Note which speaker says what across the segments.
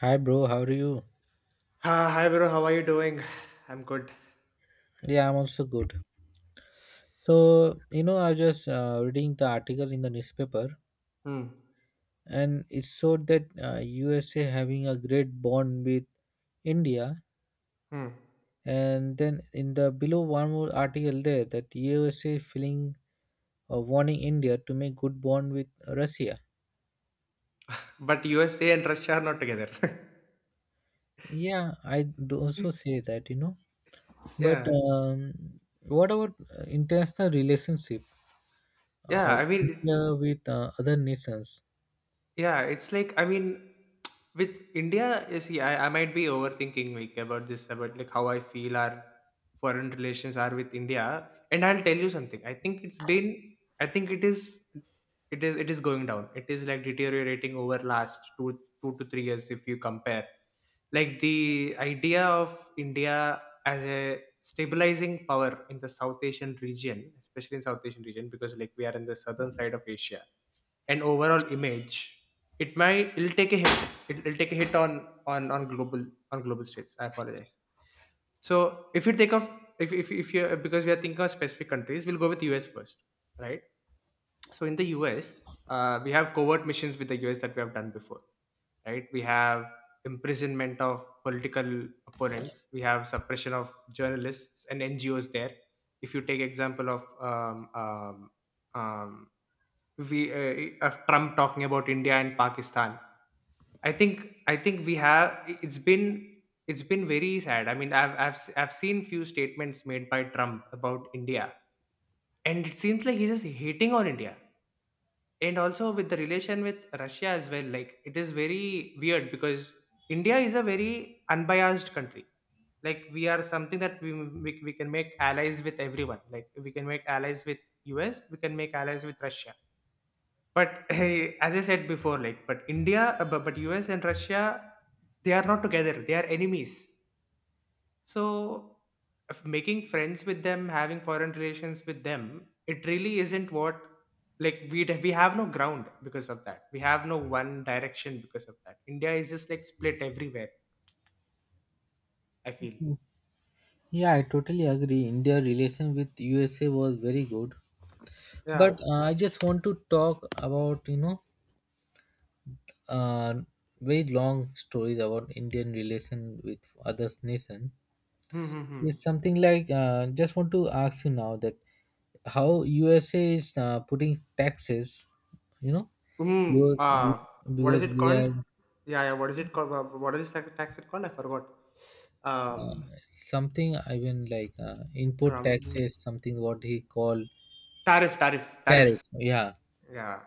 Speaker 1: Hi, bro. How are you?
Speaker 2: Ah, hi bro, how are you doing? I'm good.
Speaker 1: Yeah, I'm also good. So, you know, I was just reading the article in the newspaper,
Speaker 2: Hmm.
Speaker 1: and it showed that USA having a great bond with India,
Speaker 2: Hmm.
Speaker 1: and then in the below one more article there that USA feeling warning India to make good bond with Russia.
Speaker 2: But USA and Russia are not together.
Speaker 1: Yeah, I do also say that. But
Speaker 2: Yeah.
Speaker 1: what about international relationship
Speaker 2: Yeah.
Speaker 1: of
Speaker 2: I mean,
Speaker 1: India with other nations?
Speaker 2: yeah, it's like, I mean, with India, you see, I might be overthinking, like, about this, about, like, how I feel our foreign relations are with India, and I'll tell you something. I think it is, it is going down. It is like deteriorating over last two to three years if you compare. Like, the idea of India as a stabilizing power in the South Asian region, especially in South Asian region, because, like, we are in the southern side of Asia, and overall image, it'll take a hit. It will take a hit on global stage. I apologize. So, if you take off if you because we are thinking of specific countries, we'll go with US first, right? So in the US, we have covert missions with the US that we have done before, right? We have imprisonment of political opponents. We have suppression of journalists and NGOs there. If you take example of um, we of Trump talking about India and Pakistan. I think we have it's been very sad. I mean, I've seen few statements made by Trump about India, and it seems like he's just hating on India. And also with the relation with Russia as well, like, it is very weird because India is a very unbiased country. Like we are something that we can make allies with everyone. Like we can make allies with US, we can make allies with Russia, but hey, as I said before, like, but US and Russia, they are not together. They are enemies. So, if making friends with them, having foreign relations with them, it really isn't what, like, we have no ground because of that. We have no one direction because of that. India is just like split everywhere. I feel.
Speaker 1: Yeah, I totally agree. India relation with USA was very good, but
Speaker 2: Yeah.
Speaker 1: I just want to talk about uh, very long stories about Indian relation with others nation.
Speaker 2: Hmm. Hmm. Hmm.
Speaker 1: It's something like just want to ask you now that how USA is putting taxes, you know,
Speaker 2: Mm,
Speaker 1: because
Speaker 2: uh,
Speaker 1: we,
Speaker 2: what is
Speaker 1: because
Speaker 2: it
Speaker 1: we
Speaker 2: called?
Speaker 1: are
Speaker 2: Yeah, yeah. What is it called? What is this tax it called? I forgot. Um,
Speaker 1: something even like import
Speaker 2: Trump.
Speaker 1: taxes something what he called
Speaker 2: Tariffs.
Speaker 1: tariff. Yeah,
Speaker 2: Yeah,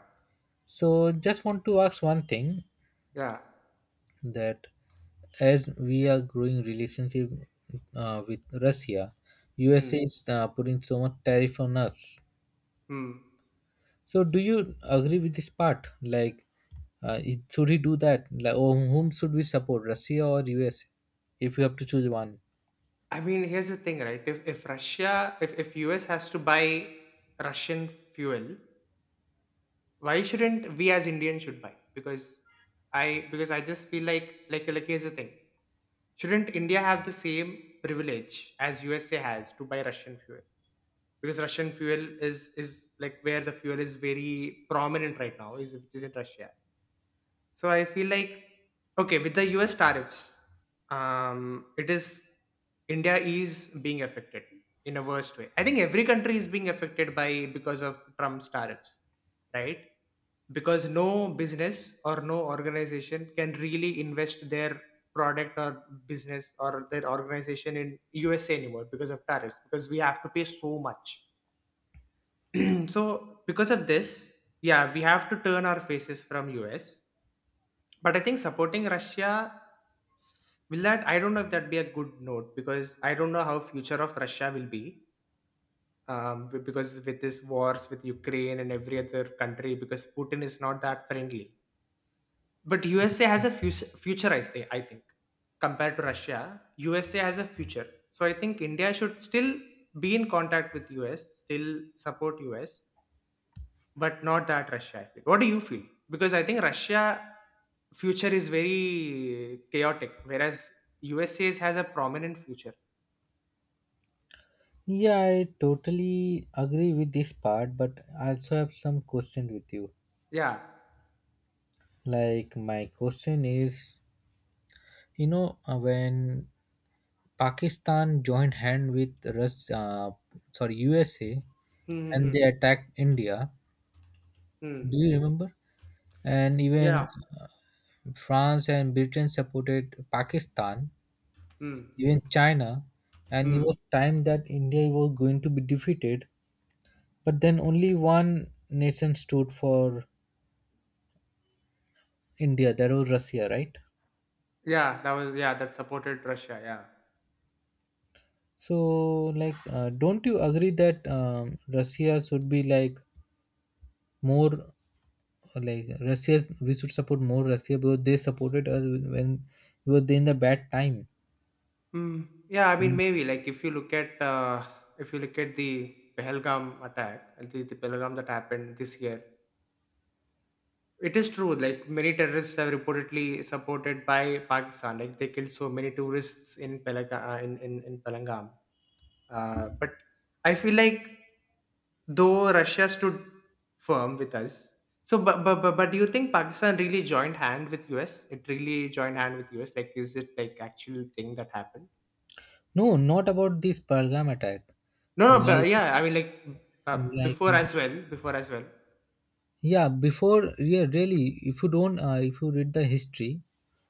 Speaker 1: so just want to ask one thing
Speaker 2: yeah.
Speaker 1: that as we are growing relationship with Russia,
Speaker 2: Mm,
Speaker 1: USA is putting so much tariff on us.
Speaker 2: mm.
Speaker 1: So do you agree with this part? Like, should he do that? Like, or whom should we support, Russia or USA? If you have to choose one.
Speaker 2: I mean, here's the thing, right? If Russia, if US has to buy Russian fuel, why shouldn't we as Indians should buy? Because I just feel like, here's the thing. Shouldn't India have the same privilege as USA has to buy Russian fuel? Because Russian fuel is like, where the fuel is very prominent right now is, which is in Russia. So I feel like, okay, with the U.S. tariffs, it is India is being affected in a worst way. I think every country is being affected by because of Trump's tariffs, right? Because no business or no organization can really invest their product or business or their organization in USA anymore because of tariffs, because we have to pay so much. So because of this, yeah, we have to turn our faces from US, but I think supporting Russia, will that, I don't know if that'd be a good note because I don't know how future of Russia will be. Because with this wars with Ukraine and every other country, because Putin is not that friendly. But USA has a future I say, I think, compared to Russia, USA has a future. So I think India should still be in contact with US, still support US, but not that Russia. I feel. What do you feel? Because I think Russia future is very chaotic, whereas USA has a prominent future.
Speaker 1: Yeah, I totally agree with this part, but I also have some question with you.
Speaker 2: Yeah.
Speaker 1: Like my question is, when Pakistan joined hand with sorry USA and
Speaker 2: Mm-hmm.
Speaker 1: they attacked India.
Speaker 2: Mm.
Speaker 1: Do you remember? And even
Speaker 2: Yeah.
Speaker 1: uh, France and Britain supported Pakistan,
Speaker 2: Mm.
Speaker 1: even China. And it
Speaker 2: Mm.
Speaker 1: was time that India was going to be defeated. But then only one nation stood for India. That was Russia, right?
Speaker 2: Yeah. That was, yeah. That supported Russia. Yeah.
Speaker 1: So, like, don't you agree that Russia should be like more like Russia, we should support more Russia because they supported us when we were in the bad time.
Speaker 2: Mm. Yeah. I mean, maybe, like, if you look at the Pehelgam attack, the Pehelgam that happened this year. It is true, like many terrorists have reportedly supported by Pakistan. Like they killed so many tourists in Palangam. But I feel like, though Russia stood firm with us, so, but do you think Pakistan really joined hand with US? It really joined hand with US? Like, is it like actual thing that happened?
Speaker 1: No, not about this Pergam attack.
Speaker 2: No, no, but
Speaker 1: Like,
Speaker 2: yeah, I mean, like,
Speaker 1: like,
Speaker 2: before as well, before as well.
Speaker 1: yeah, before, yeah, really, if you read the history,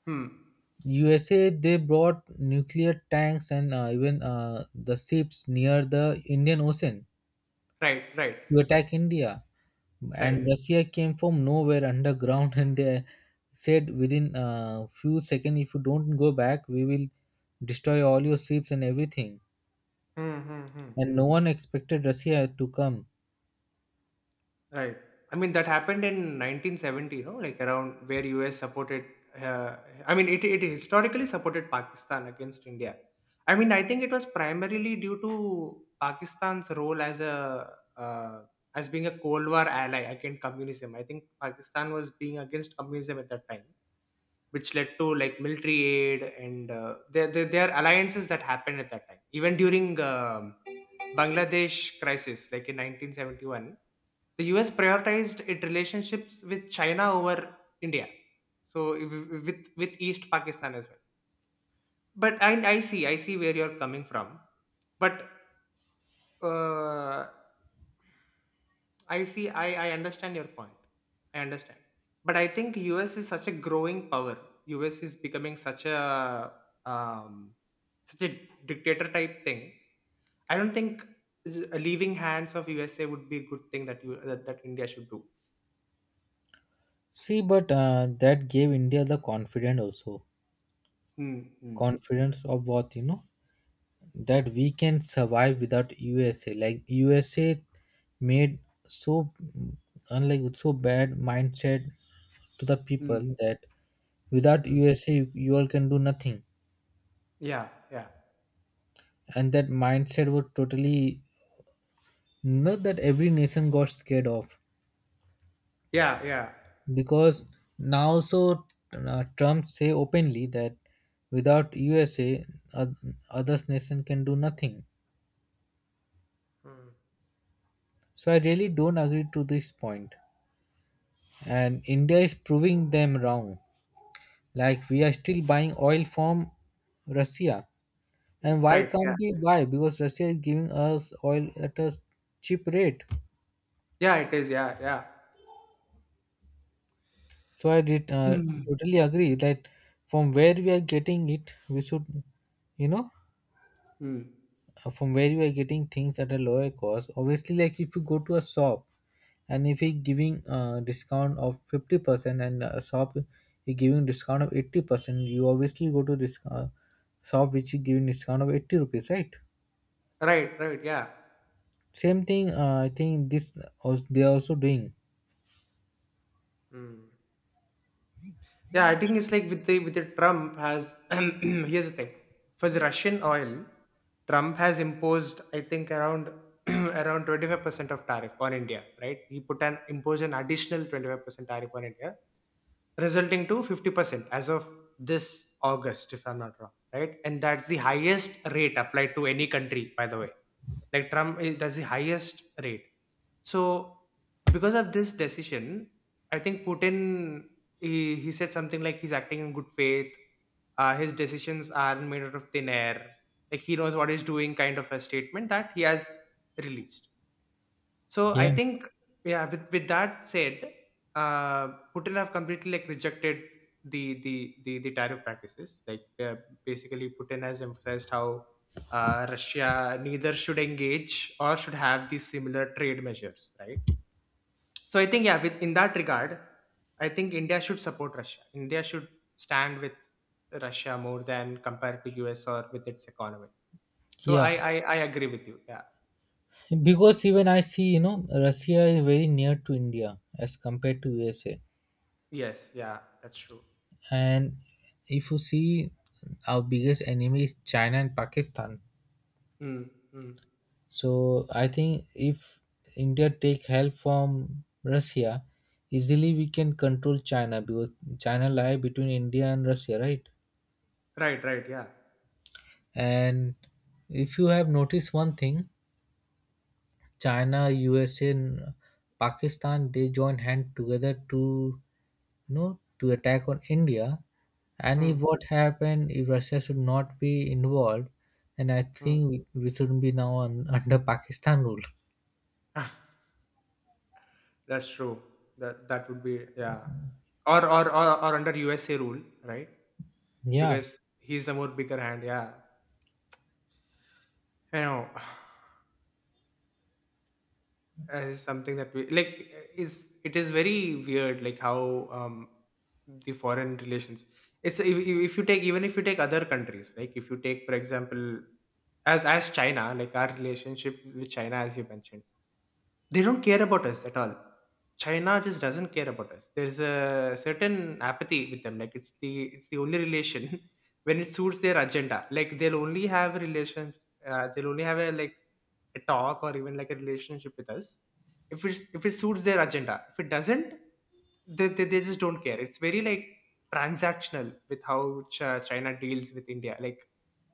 Speaker 2: Hmm.
Speaker 1: USA they brought nuclear tanks and even the ships near the Indian Ocean
Speaker 2: Right, right,
Speaker 1: to attack India.
Speaker 2: right.
Speaker 1: And Russia came from nowhere underground, and they said within a few seconds, if you don't go back, we will destroy all your ships and everything.
Speaker 2: Hmm, hmm, hmm.
Speaker 1: And no one expected Russia to come.
Speaker 2: Right. I mean, that happened in 1970, no? Like around where US supported, uh, I mean, it historically supported Pakistan against India. I mean, I think it was primarily due to Pakistan's role as a, uh, as being a Cold War ally against communism. I think Pakistan was being against communism at that time, which led to like military aid and their alliances that happened at that time. Even during Bangladesh crisis, like, in 1971, the US prioritized its relationships with China over India. So with East Pakistan as well. But I see where you're coming from. But uh, I understand your point. I understand. But I think US is such a growing power. US is becoming such a um, such a dictator type thing. I don't think leaving hands of USA would be a good thing that India should do.
Speaker 1: See, but that gave India the confidence also.
Speaker 2: Hmm. Hmm.
Speaker 1: Confidence of what, you know that we can survive without USA. Like USA made so unlike so bad mindset to the people
Speaker 2: Hmm.
Speaker 1: that without
Speaker 2: Hmm.
Speaker 1: USA you all can do nothing.
Speaker 2: Yeah. Yeah.
Speaker 1: And that mindset was totally not that every nation got scared of
Speaker 2: Yeah. Yeah.
Speaker 1: because now so Trump say openly that without USA other nation can do nothing,
Speaker 2: Hmm.
Speaker 1: so I really don't agree to this point. And India is proving them wrong like we are still buying oil from Russia, and why
Speaker 2: Right. Yeah.
Speaker 1: can't we buy because Russia is giving us oil at a cheap rate.
Speaker 2: Yeah. It is. Yeah. Yeah.
Speaker 1: So I did
Speaker 2: Hmm.
Speaker 1: totally agree that from where we are getting it, we should, you know,
Speaker 2: Hmm.
Speaker 1: from where we are getting things at a lower cost. Obviously, like if you go to a shop and if he giving a discount of 50% and a shop is giving discount of 80%, you obviously go to this shop which is giving discount of 80 rupees, right?
Speaker 2: Right. Right. Yeah.
Speaker 1: Same thing, I think this they are also doing.
Speaker 2: Hmm. Yeah, I think it's like, with the Trump has here's the thing. For the Russian oil, Trump has imposed, I think, around around 25% of tariff on India, right? He put an imposed an additional 25% tariff on India, resulting to 50% as of this August, if I'm not wrong, right? And that's the highest rate applied to any country, by the way. Like Trump, that's the highest rate. So because of this decision, I think Putin, he said something like he's acting in good faith, his decisions aren't made out of thin air, like, he knows what he's doing kind of a statement that he has released. So I
Speaker 1: Yeah.
Speaker 2: think, yeah, with that said, uh, Putin have completely, like, rejected the tariff practices, like, basically Putin has emphasized how, Russia neither should engage or should have these similar trade measures, right? So I think, yeah, with in that regard, I think India should support Russia. India should stand with Russia more than compared to US or with its economy. So
Speaker 1: Yeah.
Speaker 2: I agree with you. Yeah.
Speaker 1: Because even I see, you know, Russia is very near to India as compared to USA,
Speaker 2: Yes. Yeah. That's true.
Speaker 1: and if you see our biggest enemy is China and Pakistan,
Speaker 2: Mm, mm.
Speaker 1: so I think if India take help from Russia, easily we can control China because China lie between India and Russia, right?
Speaker 2: Right. Right. Yeah.
Speaker 1: And if you have noticed one thing, China, USA, and Pakistan they join hand together to, no, to attack on India. And if
Speaker 2: Mm,
Speaker 1: what happened, if Russia should not be involved, and I think
Speaker 2: mm.
Speaker 1: we shouldn't be now on, under Pakistan rule.
Speaker 2: That's true. That would be, yeah. Or, or under USA rule, right?
Speaker 1: Yeah,
Speaker 2: Because he's the more bigger hand. Yeah. I know. As something that we like, is it is very weird, like, how the foreign relations, it's if you take, even if you take other countries, like if you take, for example, as China, like our relationship with China, as you mentioned, they don't care about us at all. China just doesn't care about us. There's a certain apathy with them. Like it's the only relation when it suits their agenda. Like they'll only have a relation. They'll only have a, like, a talk or even like a relationship with us if it suits their agenda. If it doesn't, they just don't care. It's very like transactional with how China deals with India. Like,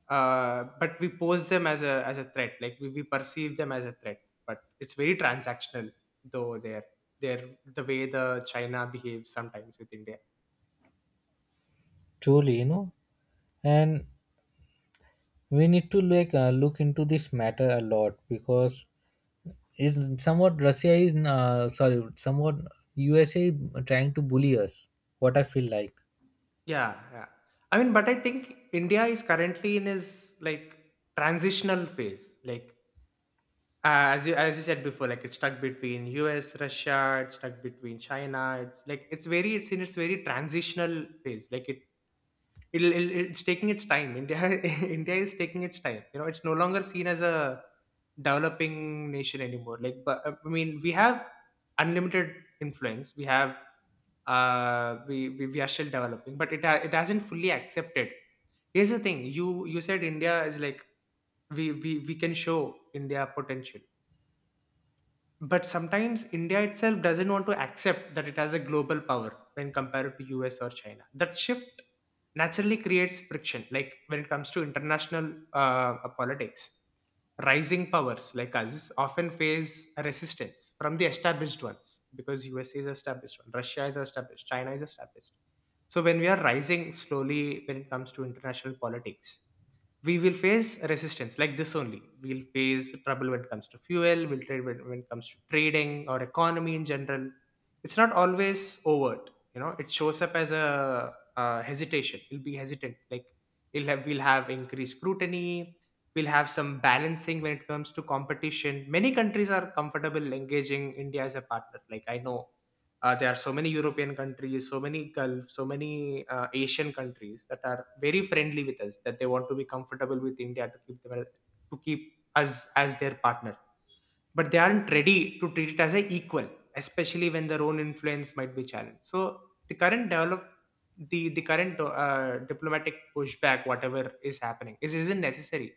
Speaker 2: but we pose them as a threat. Like we perceive them as a threat. But it's very transactional, though the way the China behaves sometimes with India.
Speaker 1: truly, you know, and we need to like look into this matter a lot because is somewhat Russia is sorry, somewhat USA trying to bully us, what I feel like.
Speaker 2: Yeah, yeah. I mean, but I think India is currently in is like transitional phase. Like as you said before, like it's stuck between US, Russia, it's stuck between China. It's like, it's in its very transitional phase. Like it it'll, it'll it's taking its time, India. India is taking its time. It's no longer seen as a developing nation anymore. Like, but I mean, we have unlimited influence. We have we are still developing, but it hasn't fully accepted. Here's the thing, you said India is like we can show India potential, but sometimes India itself doesn't want to accept that it has a global power when compared to US or China. That shift naturally creates friction, like when it comes to international politics. Rising powers like us often face resistance from the established ones, because USA is established one, Russia is established, China is established. So when we are rising slowly, when it comes to international politics, we will face resistance like this only. We'll face trouble when it comes to fuel, we'll trade, when it comes to trading or economy in general. It's not always overt. It shows up as a hesitation. We'll be hesitant. Like, we'll have increased scrutiny, we'll have some balancing when it comes to competition. Many countries are comfortable engaging India as a partner. Like, I know there are so many European countries, so many Gulf, so many Asian countries that are very friendly with us, that they want to be comfortable with India to keep them to keep us as their partner. But they aren't ready to treat it as an equal, especially when their own influence might be challenged. So the current develop the current diplomatic pushback, whatever is happening, is isn't necessary.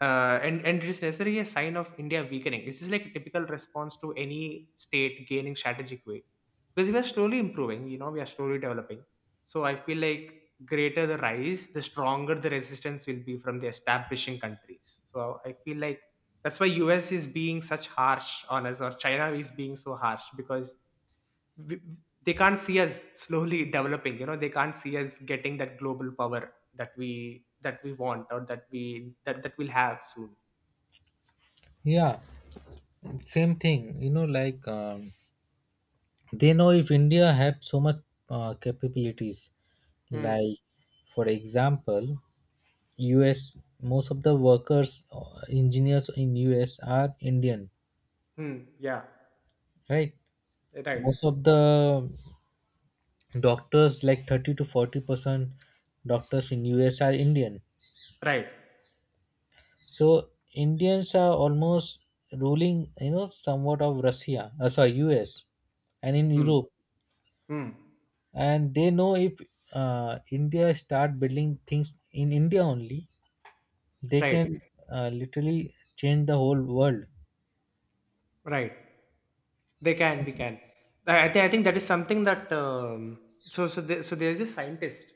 Speaker 2: And it is necessarily a sign of India weakening. This is like a typical response to any state gaining strategic weight, because we are slowly improving. You know, we are slowly developing. So I feel like, greater the rise, the stronger the resistance will be from the establishing countries. So I feel like that's why US is being such harsh on us, or China is being so harsh, because we, they can't see us slowly developing. You know, they can't see us getting that global power that we want, or that we that that we'll have soon.
Speaker 1: Yeah, same thing. They know if India have so much capabilities,
Speaker 2: Hmm.
Speaker 1: like for example US most of the workers engineers in US are Indian,
Speaker 2: Hmm. Yeah.
Speaker 1: right?
Speaker 2: Right.
Speaker 1: Most of the doctors like 30 to 40% doctors in US are Indian,
Speaker 2: Right.
Speaker 1: so Indians are almost ruling somewhat of russia sorry us and in
Speaker 2: Hmm.
Speaker 1: Europe,
Speaker 2: Hmm.
Speaker 1: and they know if India start building things in India only they can
Speaker 2: Right.
Speaker 1: literally change the whole world.
Speaker 2: Right. They can, we
Speaker 1: Yes.
Speaker 2: can. I think that is something that so there's a scientist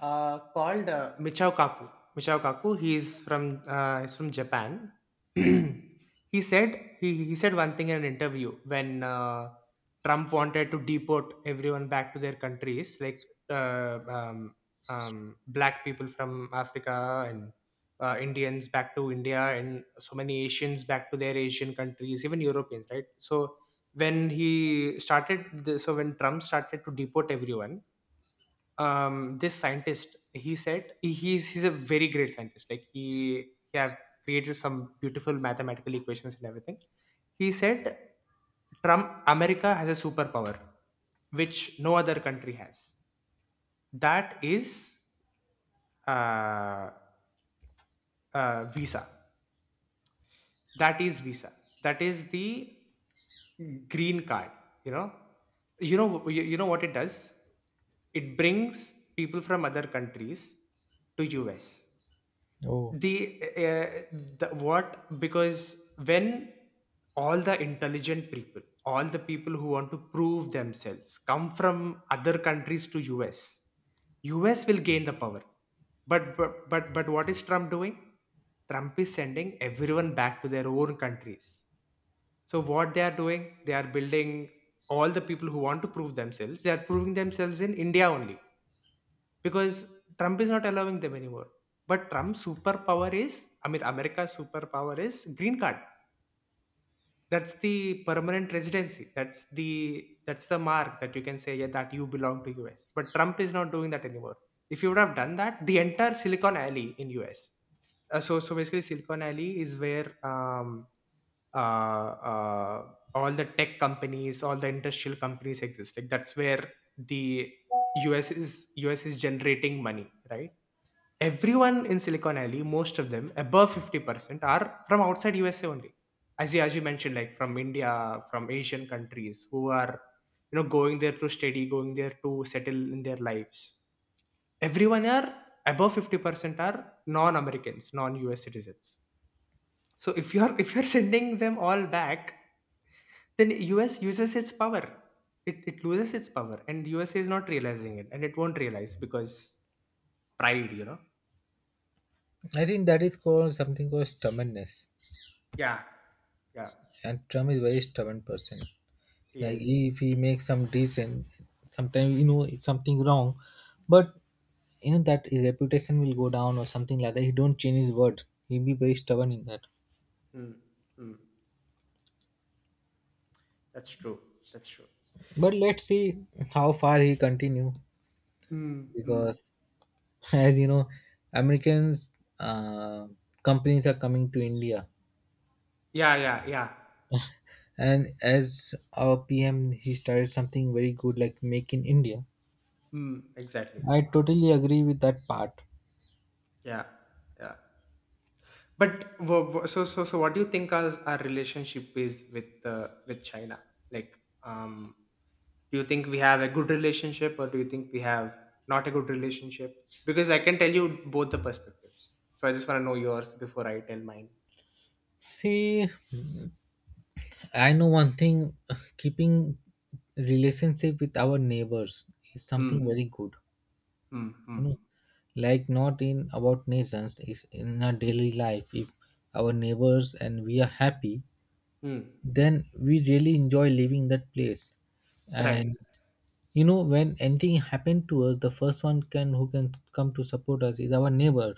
Speaker 2: called Michio Kaku. Michio Kaku. He's from Japan. He said one thing in an interview when Trump wanted to deport everyone back to their countries, like uh, um, black people from Africa and Indians back to India, and so many Asians back to their Asian countries, even Europeans, right? So when he started, th- so when Trump started to deport everyone, this scientist, he said he- he's a very great scientist. Like, he have created some beautiful mathematical equations and everything. He said, Trump America has a superpower which no other country has. That is uh, visa. That is visa. That is the green card. You know, you know what it does. It brings people from other countries to US.
Speaker 1: Oh,
Speaker 2: The uh, the what Because when all the intelligent people, all the people who want to prove themselves, come from other countries to us, us will gain the power. But what is Trump doing? Trump is sending everyone back to their own countries. So what they are doing, they are building— all the people who want to prove themselves, they are proving themselves in India only, because Trump is not allowing them anymore. But Trump's superpower is, I mean, America's superpower is green card. That's the permanent residency. That's the mark that you can say, yeah, that you belong to US. But Trump is not doing that anymore. If he would have done that, the entire Silicon Alley in US. So basically, Silicon Alley is where uh, uh, all the tech companies, all the industrial companies exist. Like, that's where the US is US is generating money, right? Everyone in Silicon Valley, most of them, above 50%, are from outside USA only. As you mentioned, like from India, from Asian countries who are, you know, going there to study, going there to settle in their lives. Everyone are above 50% are non-Americans, non-US citizens. So if you're sending them all back, then US uses its power. It loses its power, and USA is not realizing it, and it won't realize because pride, you know?
Speaker 1: I think that is called something called stubbornness,
Speaker 2: Yeah. Yeah.
Speaker 1: and Trump is very stubborn person.
Speaker 2: He
Speaker 1: Like
Speaker 2: is.
Speaker 1: if he makes some decent sometimes, you know it's something wrong, but you know that his reputation will go down or something like that, he don't change his word, he be very stubborn in that.
Speaker 2: Hmm, hmm. That's true. That's true.
Speaker 1: But let's see how far he continue
Speaker 2: Hmm, hmm.
Speaker 1: because, as you know, Americans companies are coming to India,
Speaker 2: Yeah, yeah, yeah.
Speaker 1: and as our PM he started something very good like Make in India.
Speaker 2: Hmm, exactly.
Speaker 1: I totally agree with that part.
Speaker 2: Yeah, yeah. But what do you think our relationship is with China? Like, do you think we have a good relationship, or do you think we have not a good relationship? Because I can tell you both the perspectives. So I just want to know yours before I tell mine.
Speaker 1: See, I know one thing. Keeping relationship with our neighbors is
Speaker 2: Hmm,
Speaker 1: something very good,
Speaker 2: hmm, hmm,
Speaker 1: you know, like not in about nations, is in our daily life if our neighbors and we are happy,
Speaker 2: hmm.
Speaker 1: then we really enjoy leaving that place.
Speaker 2: Right.
Speaker 1: And you know when anything happened to us, the first one can who can come to support us is our neighbor.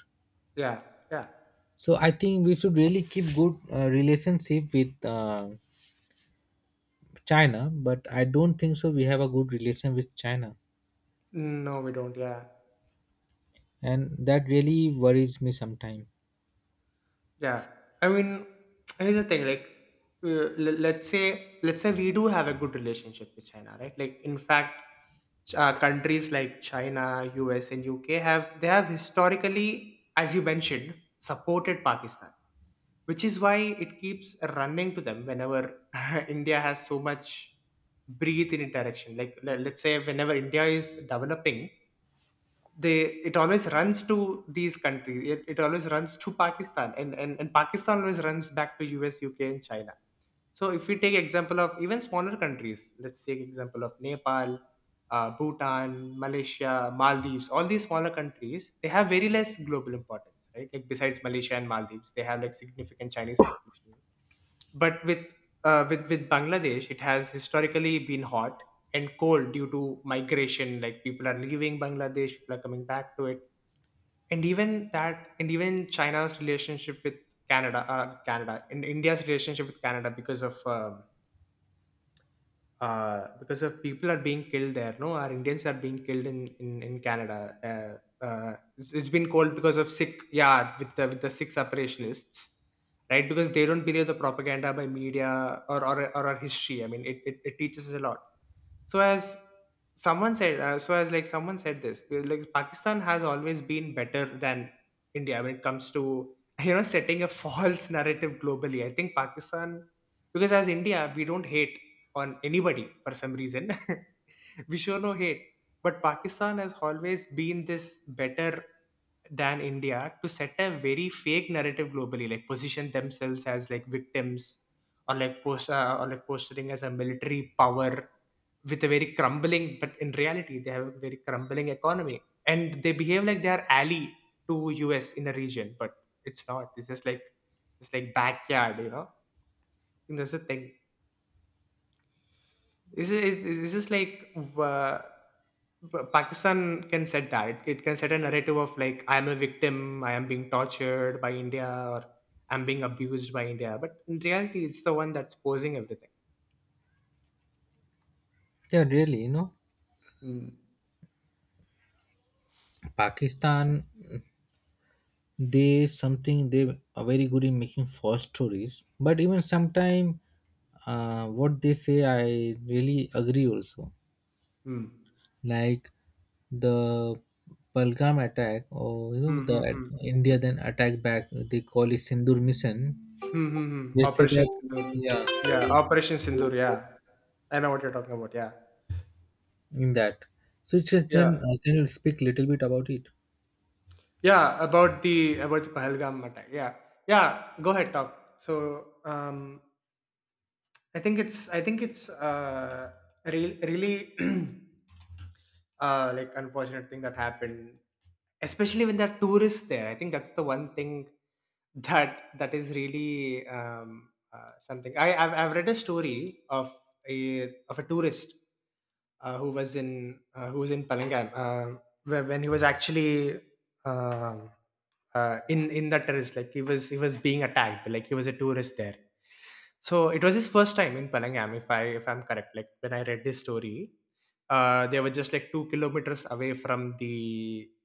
Speaker 2: Yeah, yeah.
Speaker 1: So I think we should really keep good relationship with China, but I don't think so we have a good relation with China,
Speaker 2: No, we don't. Yeah.
Speaker 1: and that really worries me sometimes.
Speaker 2: Yeah, I mean, here's the thing. Like, let's say we do have a good relationship with China, right? Like, in fact, countries like China, US, and UK have— they have historically, as you mentioned, supported Pakistan, which is why it keeps running to them whenever India has so much breathe in interaction. Like, let's say whenever India is developing, they it always runs to these countries. It always runs to Pakistan, and Pakistan always runs back to US, UK, and China. So if we take example of even smaller countries, let's take example of Nepal, Bhutan, Malaysia, Maldives. All these smaller countries, they have very less global importance, right? Like, besides Malaysia and Maldives, they have like significant Chinese population. But with with Bangladesh, it has historically been hot and cold due to migration. Like, people are leaving Bangladesh, people are coming back to it. And even that, and even China's relationship with Canada, and India's relationship with Canada, because of people are being killed there. No, our Indians are being killed in in Canada. It's been called because of Sikh, yeah, with the Sikh separationists, right? Because they don't believe the propaganda by media, or our history. I mean, it teaches us a lot. So as so as like someone said this, like, Pakistan has always been better than India when it comes to, you know, setting a false narrative globally. I think Pakistan, because as India, we don't hate on anybody for some reason. We show no hate. But Pakistan has always been this better than India to set a very fake narrative globally. Like, position themselves as like victims, or like posturing as a military power with a very crumbling, but in reality they have a very crumbling economy, and they behave like they are ally to US in a region, but it's not. It's just like, it's like backyard. And that's the thing. This is like Pakistan can set that. It can set a narrative of like, I am a victim, I am being tortured by India, or I'm being abused by India. But in reality, it's the one that's posing everything.
Speaker 1: Yeah, really, you know,
Speaker 2: Mm.
Speaker 1: Pakistan, they something they are very good in making false stories, but even sometime what they say I really agree also,
Speaker 2: Mm.
Speaker 1: like the Balgam attack, or you know
Speaker 2: Mm,
Speaker 1: the
Speaker 2: hmm mm.
Speaker 1: India then attack back, they call it Sindur mission.
Speaker 2: hmm mm, mm.
Speaker 1: They say
Speaker 2: Operation
Speaker 1: that,
Speaker 2: Sindoor.
Speaker 1: yeah,
Speaker 2: Yeah, Operation Sindoor. Yeah, I know what you're talking about. Yeah,
Speaker 1: in that, so it's just- then
Speaker 2: yeah,
Speaker 1: can you speak little bit about it,
Speaker 2: yeah. About the Pahalgam attack. Yeah, yeah. Go ahead, talk. So, I think it's a real really like unfortunate thing that happened, especially when there are tourists there. I think that's the one thing that is really something. I've read a story of a tourist who was in Palangam where, when he was actually um in that terrorist— like, he was being attacked, like he was a tourist there. So it was his first time in Palangam, if I'm correct, like when I read his story. They were just like 2 km away from the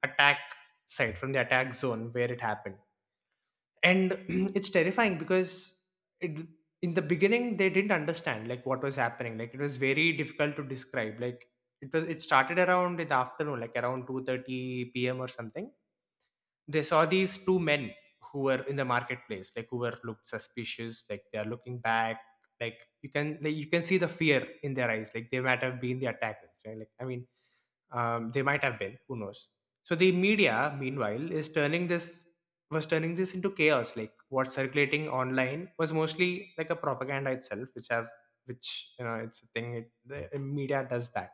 Speaker 2: attack site, from the attack zone where it happened. And it's terrifying, because it, in the beginning they didn't understand like what was happening. Like, it was very difficult to describe. Like, it started around in the afternoon, like around 2:30 p.m. or something. They saw these two men who were in the marketplace, like, who were looked suspicious, like they are looking back. Like, you can see the fear in their eyes. Like, they might have been the attackers, right? Like, I mean, they might have been, who knows. So the media meanwhile is turning this was turning this into chaos. Like, what's circulating online was mostly like a propaganda itself, which have, which you know, it's a thing, the media does that.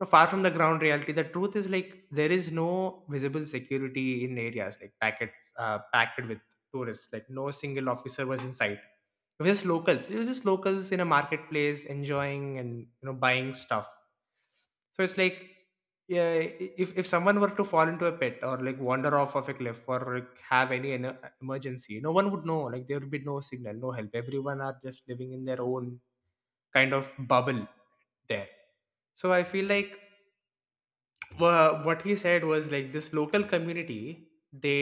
Speaker 2: No, far from the ground reality, the truth is, like, there is no visible security in areas like packets packed with tourists. Like, no single officer was in sight. It was just locals. It was just locals in a marketplace enjoying and buying stuff. So it's like yeah, if someone were to fall into a pit or like wander off of a cliff or like have any emergency, no one would know. Like there would be no signal, no help. Everyone are just living in their own kind of bubble there. So I feel like what he said was like this local community they,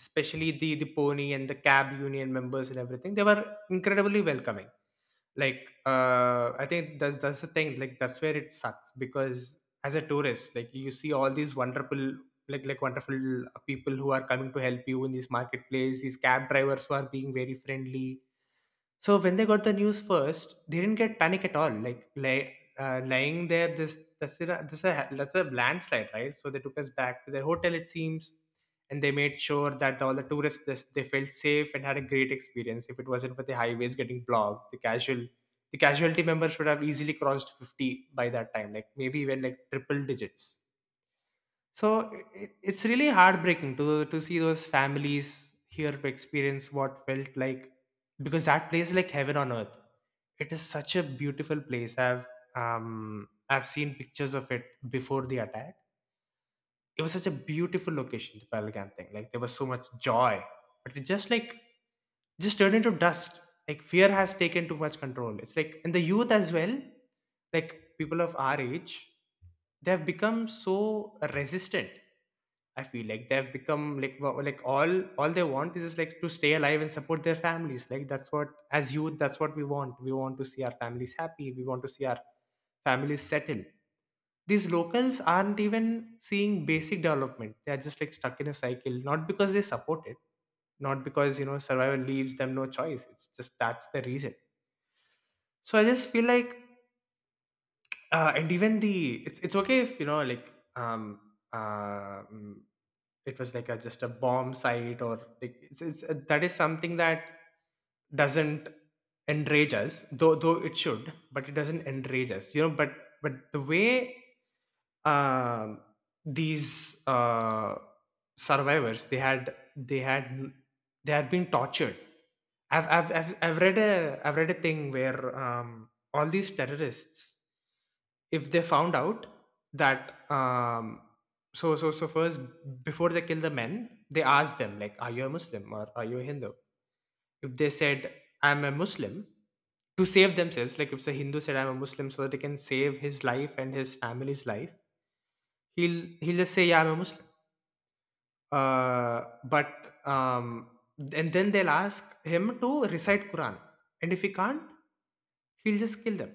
Speaker 2: especially the pony and the cab union members and everything, they were incredibly welcoming. Like, I think that's the thing. Like that's where it sucks because as a tourist, like, you see all these wonderful, like wonderful people who are coming to help you in this marketplace, these cab drivers who are being very friendly. So when they got the news first, they didn't get panic at all. Like, lying there, this that's a, this a that's a landslide, right? So they took us back to their hotel, it seems, and they made sure that all the tourists, they felt safe and had a great experience. If it wasn't for the highways getting blocked, the casualty members would have easily crossed 50 by that time, like maybe even like triple digits. So i- it's really heartbreaking to see those families here to experience what felt like, because that place is like heaven on earth. It is such a beautiful place. I've seen pictures of it before the attack. It was such a beautiful location, the Pelgan thing. Like, there was so much joy, but it just just turned into dust. Like, fear has taken too much control. It's like in the youth as well. Like, people of our age, they have become so resistant. I feel like they have become like, all they want is just like to stay alive and support their families. Like that's what, as youth, that's what we want. We want to see our families happy. We want to see our families settle. These locals aren't even seeing basic development. They are just like stuck in a cycle, not because they support it, not because, you know, survival leaves them no choice. It's just that's the reason. So I just feel like, and even the it's okay if, you know, um uh mm, it was like a just a bomb site, or like, it's, that is something that doesn't enrage us, though, it should, but it doesn't enrage us, you know, but the way, um these survivors, they had been tortured. I've read a thing where all these terrorists, if they found out that, first, before they kill the men, they asked them like, are you a Muslim or are you a Hindu? If they said, I'm a Muslim, to save themselves, like if the Hindu said I'm a Muslim so that he can save his life and his family's life, he'll just say, yeah, I'm a Muslim. But um and then they'll ask him to recite Quran, and if he can't, he'll just kill them.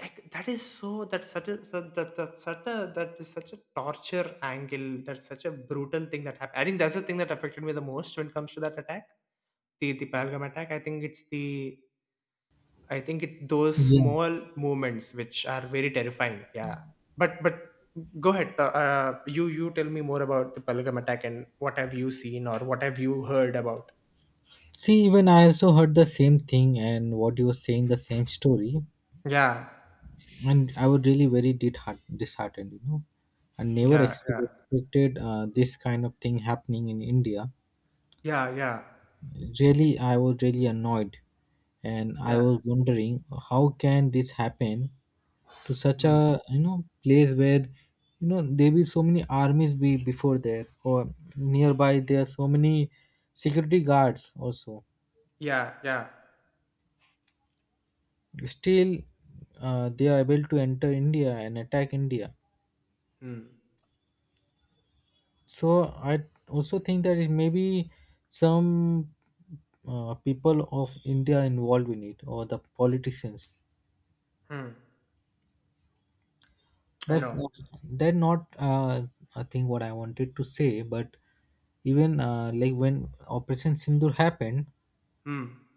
Speaker 2: Like, that is so, that's such a that is such a torture angle. That's such a brutal thing that happened. I think that's the thing that affected me the most when it comes to that attack, the Pahalgam attack. I think it's the I think it's those
Speaker 1: yeah?
Speaker 2: small movements which are very terrifying, yeah. But go ahead. You tell me more about the Pahalgam attack and what have you seen or what have you heard about.
Speaker 1: See, even I also heard the same thing and what you were saying the same story,
Speaker 2: Yeah.
Speaker 1: and I was really very disheartened. I never
Speaker 2: Yeah. Yeah.
Speaker 1: expected this kind of thing happening in India.
Speaker 2: Yeah. Yeah.
Speaker 1: Really, I was really annoyed, and I
Speaker 2: Yeah.
Speaker 1: was wondering how can this happen to such
Speaker 2: Mm.
Speaker 1: a, you know, place where, you know, there be so many armies be before there, or nearby there are so many security guards also.
Speaker 2: Yeah. Yeah.
Speaker 1: Still, they are able to enter India and attack India,
Speaker 2: Mm.
Speaker 1: so I also think that it may be some people of India involved in it, or the politicians,
Speaker 2: Hmm. I
Speaker 1: but
Speaker 2: know.
Speaker 1: they're not I think what I wanted to say, but even like when Operation Sindur happened,
Speaker 2: Hmm.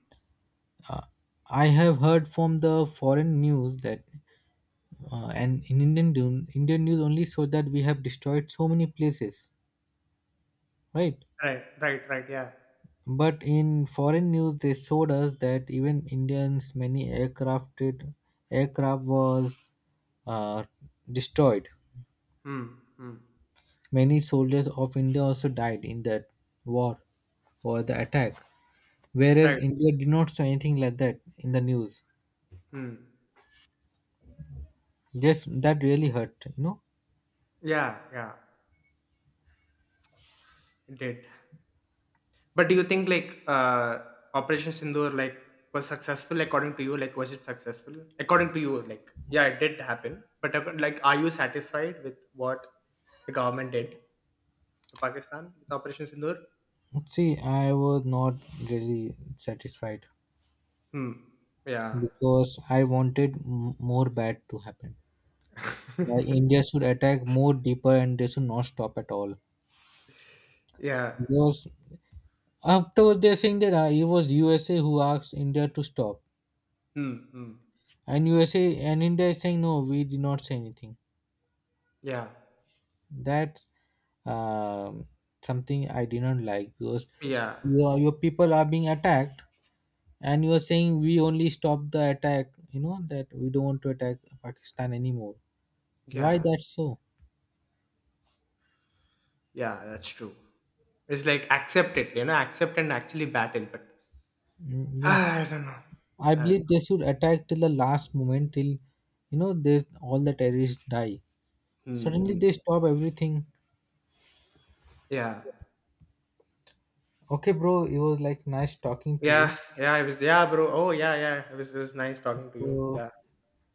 Speaker 1: uh, I have heard from the foreign news that and in Indian news only so that we have destroyed so many places, right?
Speaker 2: Right. Right. Right. Yeah.
Speaker 1: But in foreign news, they showed us that even Indians, many aircraft was uh, destroyed.
Speaker 2: Hmm. Hmm.
Speaker 1: Many soldiers of India also died in that war or the attack. Whereas
Speaker 2: Right.
Speaker 1: India did not show anything like that in the news.
Speaker 2: Hmm.
Speaker 1: Yes, that really hurt. You know,
Speaker 2: Yeah. Yeah. It did. But do you think like, Operation Sindoor like was successful according to you? Like, was it successful according to you? Like, yeah, it did happen. But, like, are you satisfied with what the government did to Pakistan with Operation Sindoor?
Speaker 1: see, I was not really satisfied
Speaker 2: Hmm. Yeah.
Speaker 1: because I wanted more bad to happen. Why India should attack more deeper, and they should not stop at all.
Speaker 2: Yeah.
Speaker 1: Because after they're saying that it was USA who asked India to stop,
Speaker 2: Hmm. Hmm.
Speaker 1: and USA and India is saying no, we did not say anything.
Speaker 2: Yeah.
Speaker 1: That's um, something I did not like because
Speaker 2: Yeah.
Speaker 1: your people are being attacked, and you are saying we only stop the attack. You know that we don't want to attack Pakistan anymore. Why
Speaker 2: Yeah.
Speaker 1: that so?
Speaker 2: Yeah. That's true. It's like accept it, you know, accept and actually battle. But
Speaker 1: Mm, yeah,
Speaker 2: ah, I don't know.
Speaker 1: I
Speaker 2: I don't
Speaker 1: believe they should attack till the last moment, till you know they all the terrorists die.
Speaker 2: know.
Speaker 1: Suddenly
Speaker 2: Mm-hmm.
Speaker 1: they stop everything.
Speaker 2: Yeah.
Speaker 1: Okay, bro, it was like nice talking to you.
Speaker 2: Yeah. Yeah, bro. Oh, yeah. Yeah. It was nice talking to you.
Speaker 1: So
Speaker 2: Yeah.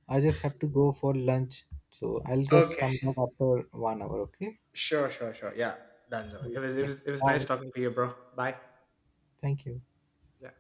Speaker 1: I just have to go for lunch. So I'll just
Speaker 2: Okay.
Speaker 1: come back after one hour. Okay.
Speaker 2: Sure. Sure. Sure. Yeah. Done.
Speaker 1: Okay.
Speaker 2: It was nice
Speaker 1: Bye.
Speaker 2: talking to you, bro. Bye.
Speaker 1: Thank you.
Speaker 2: Yeah.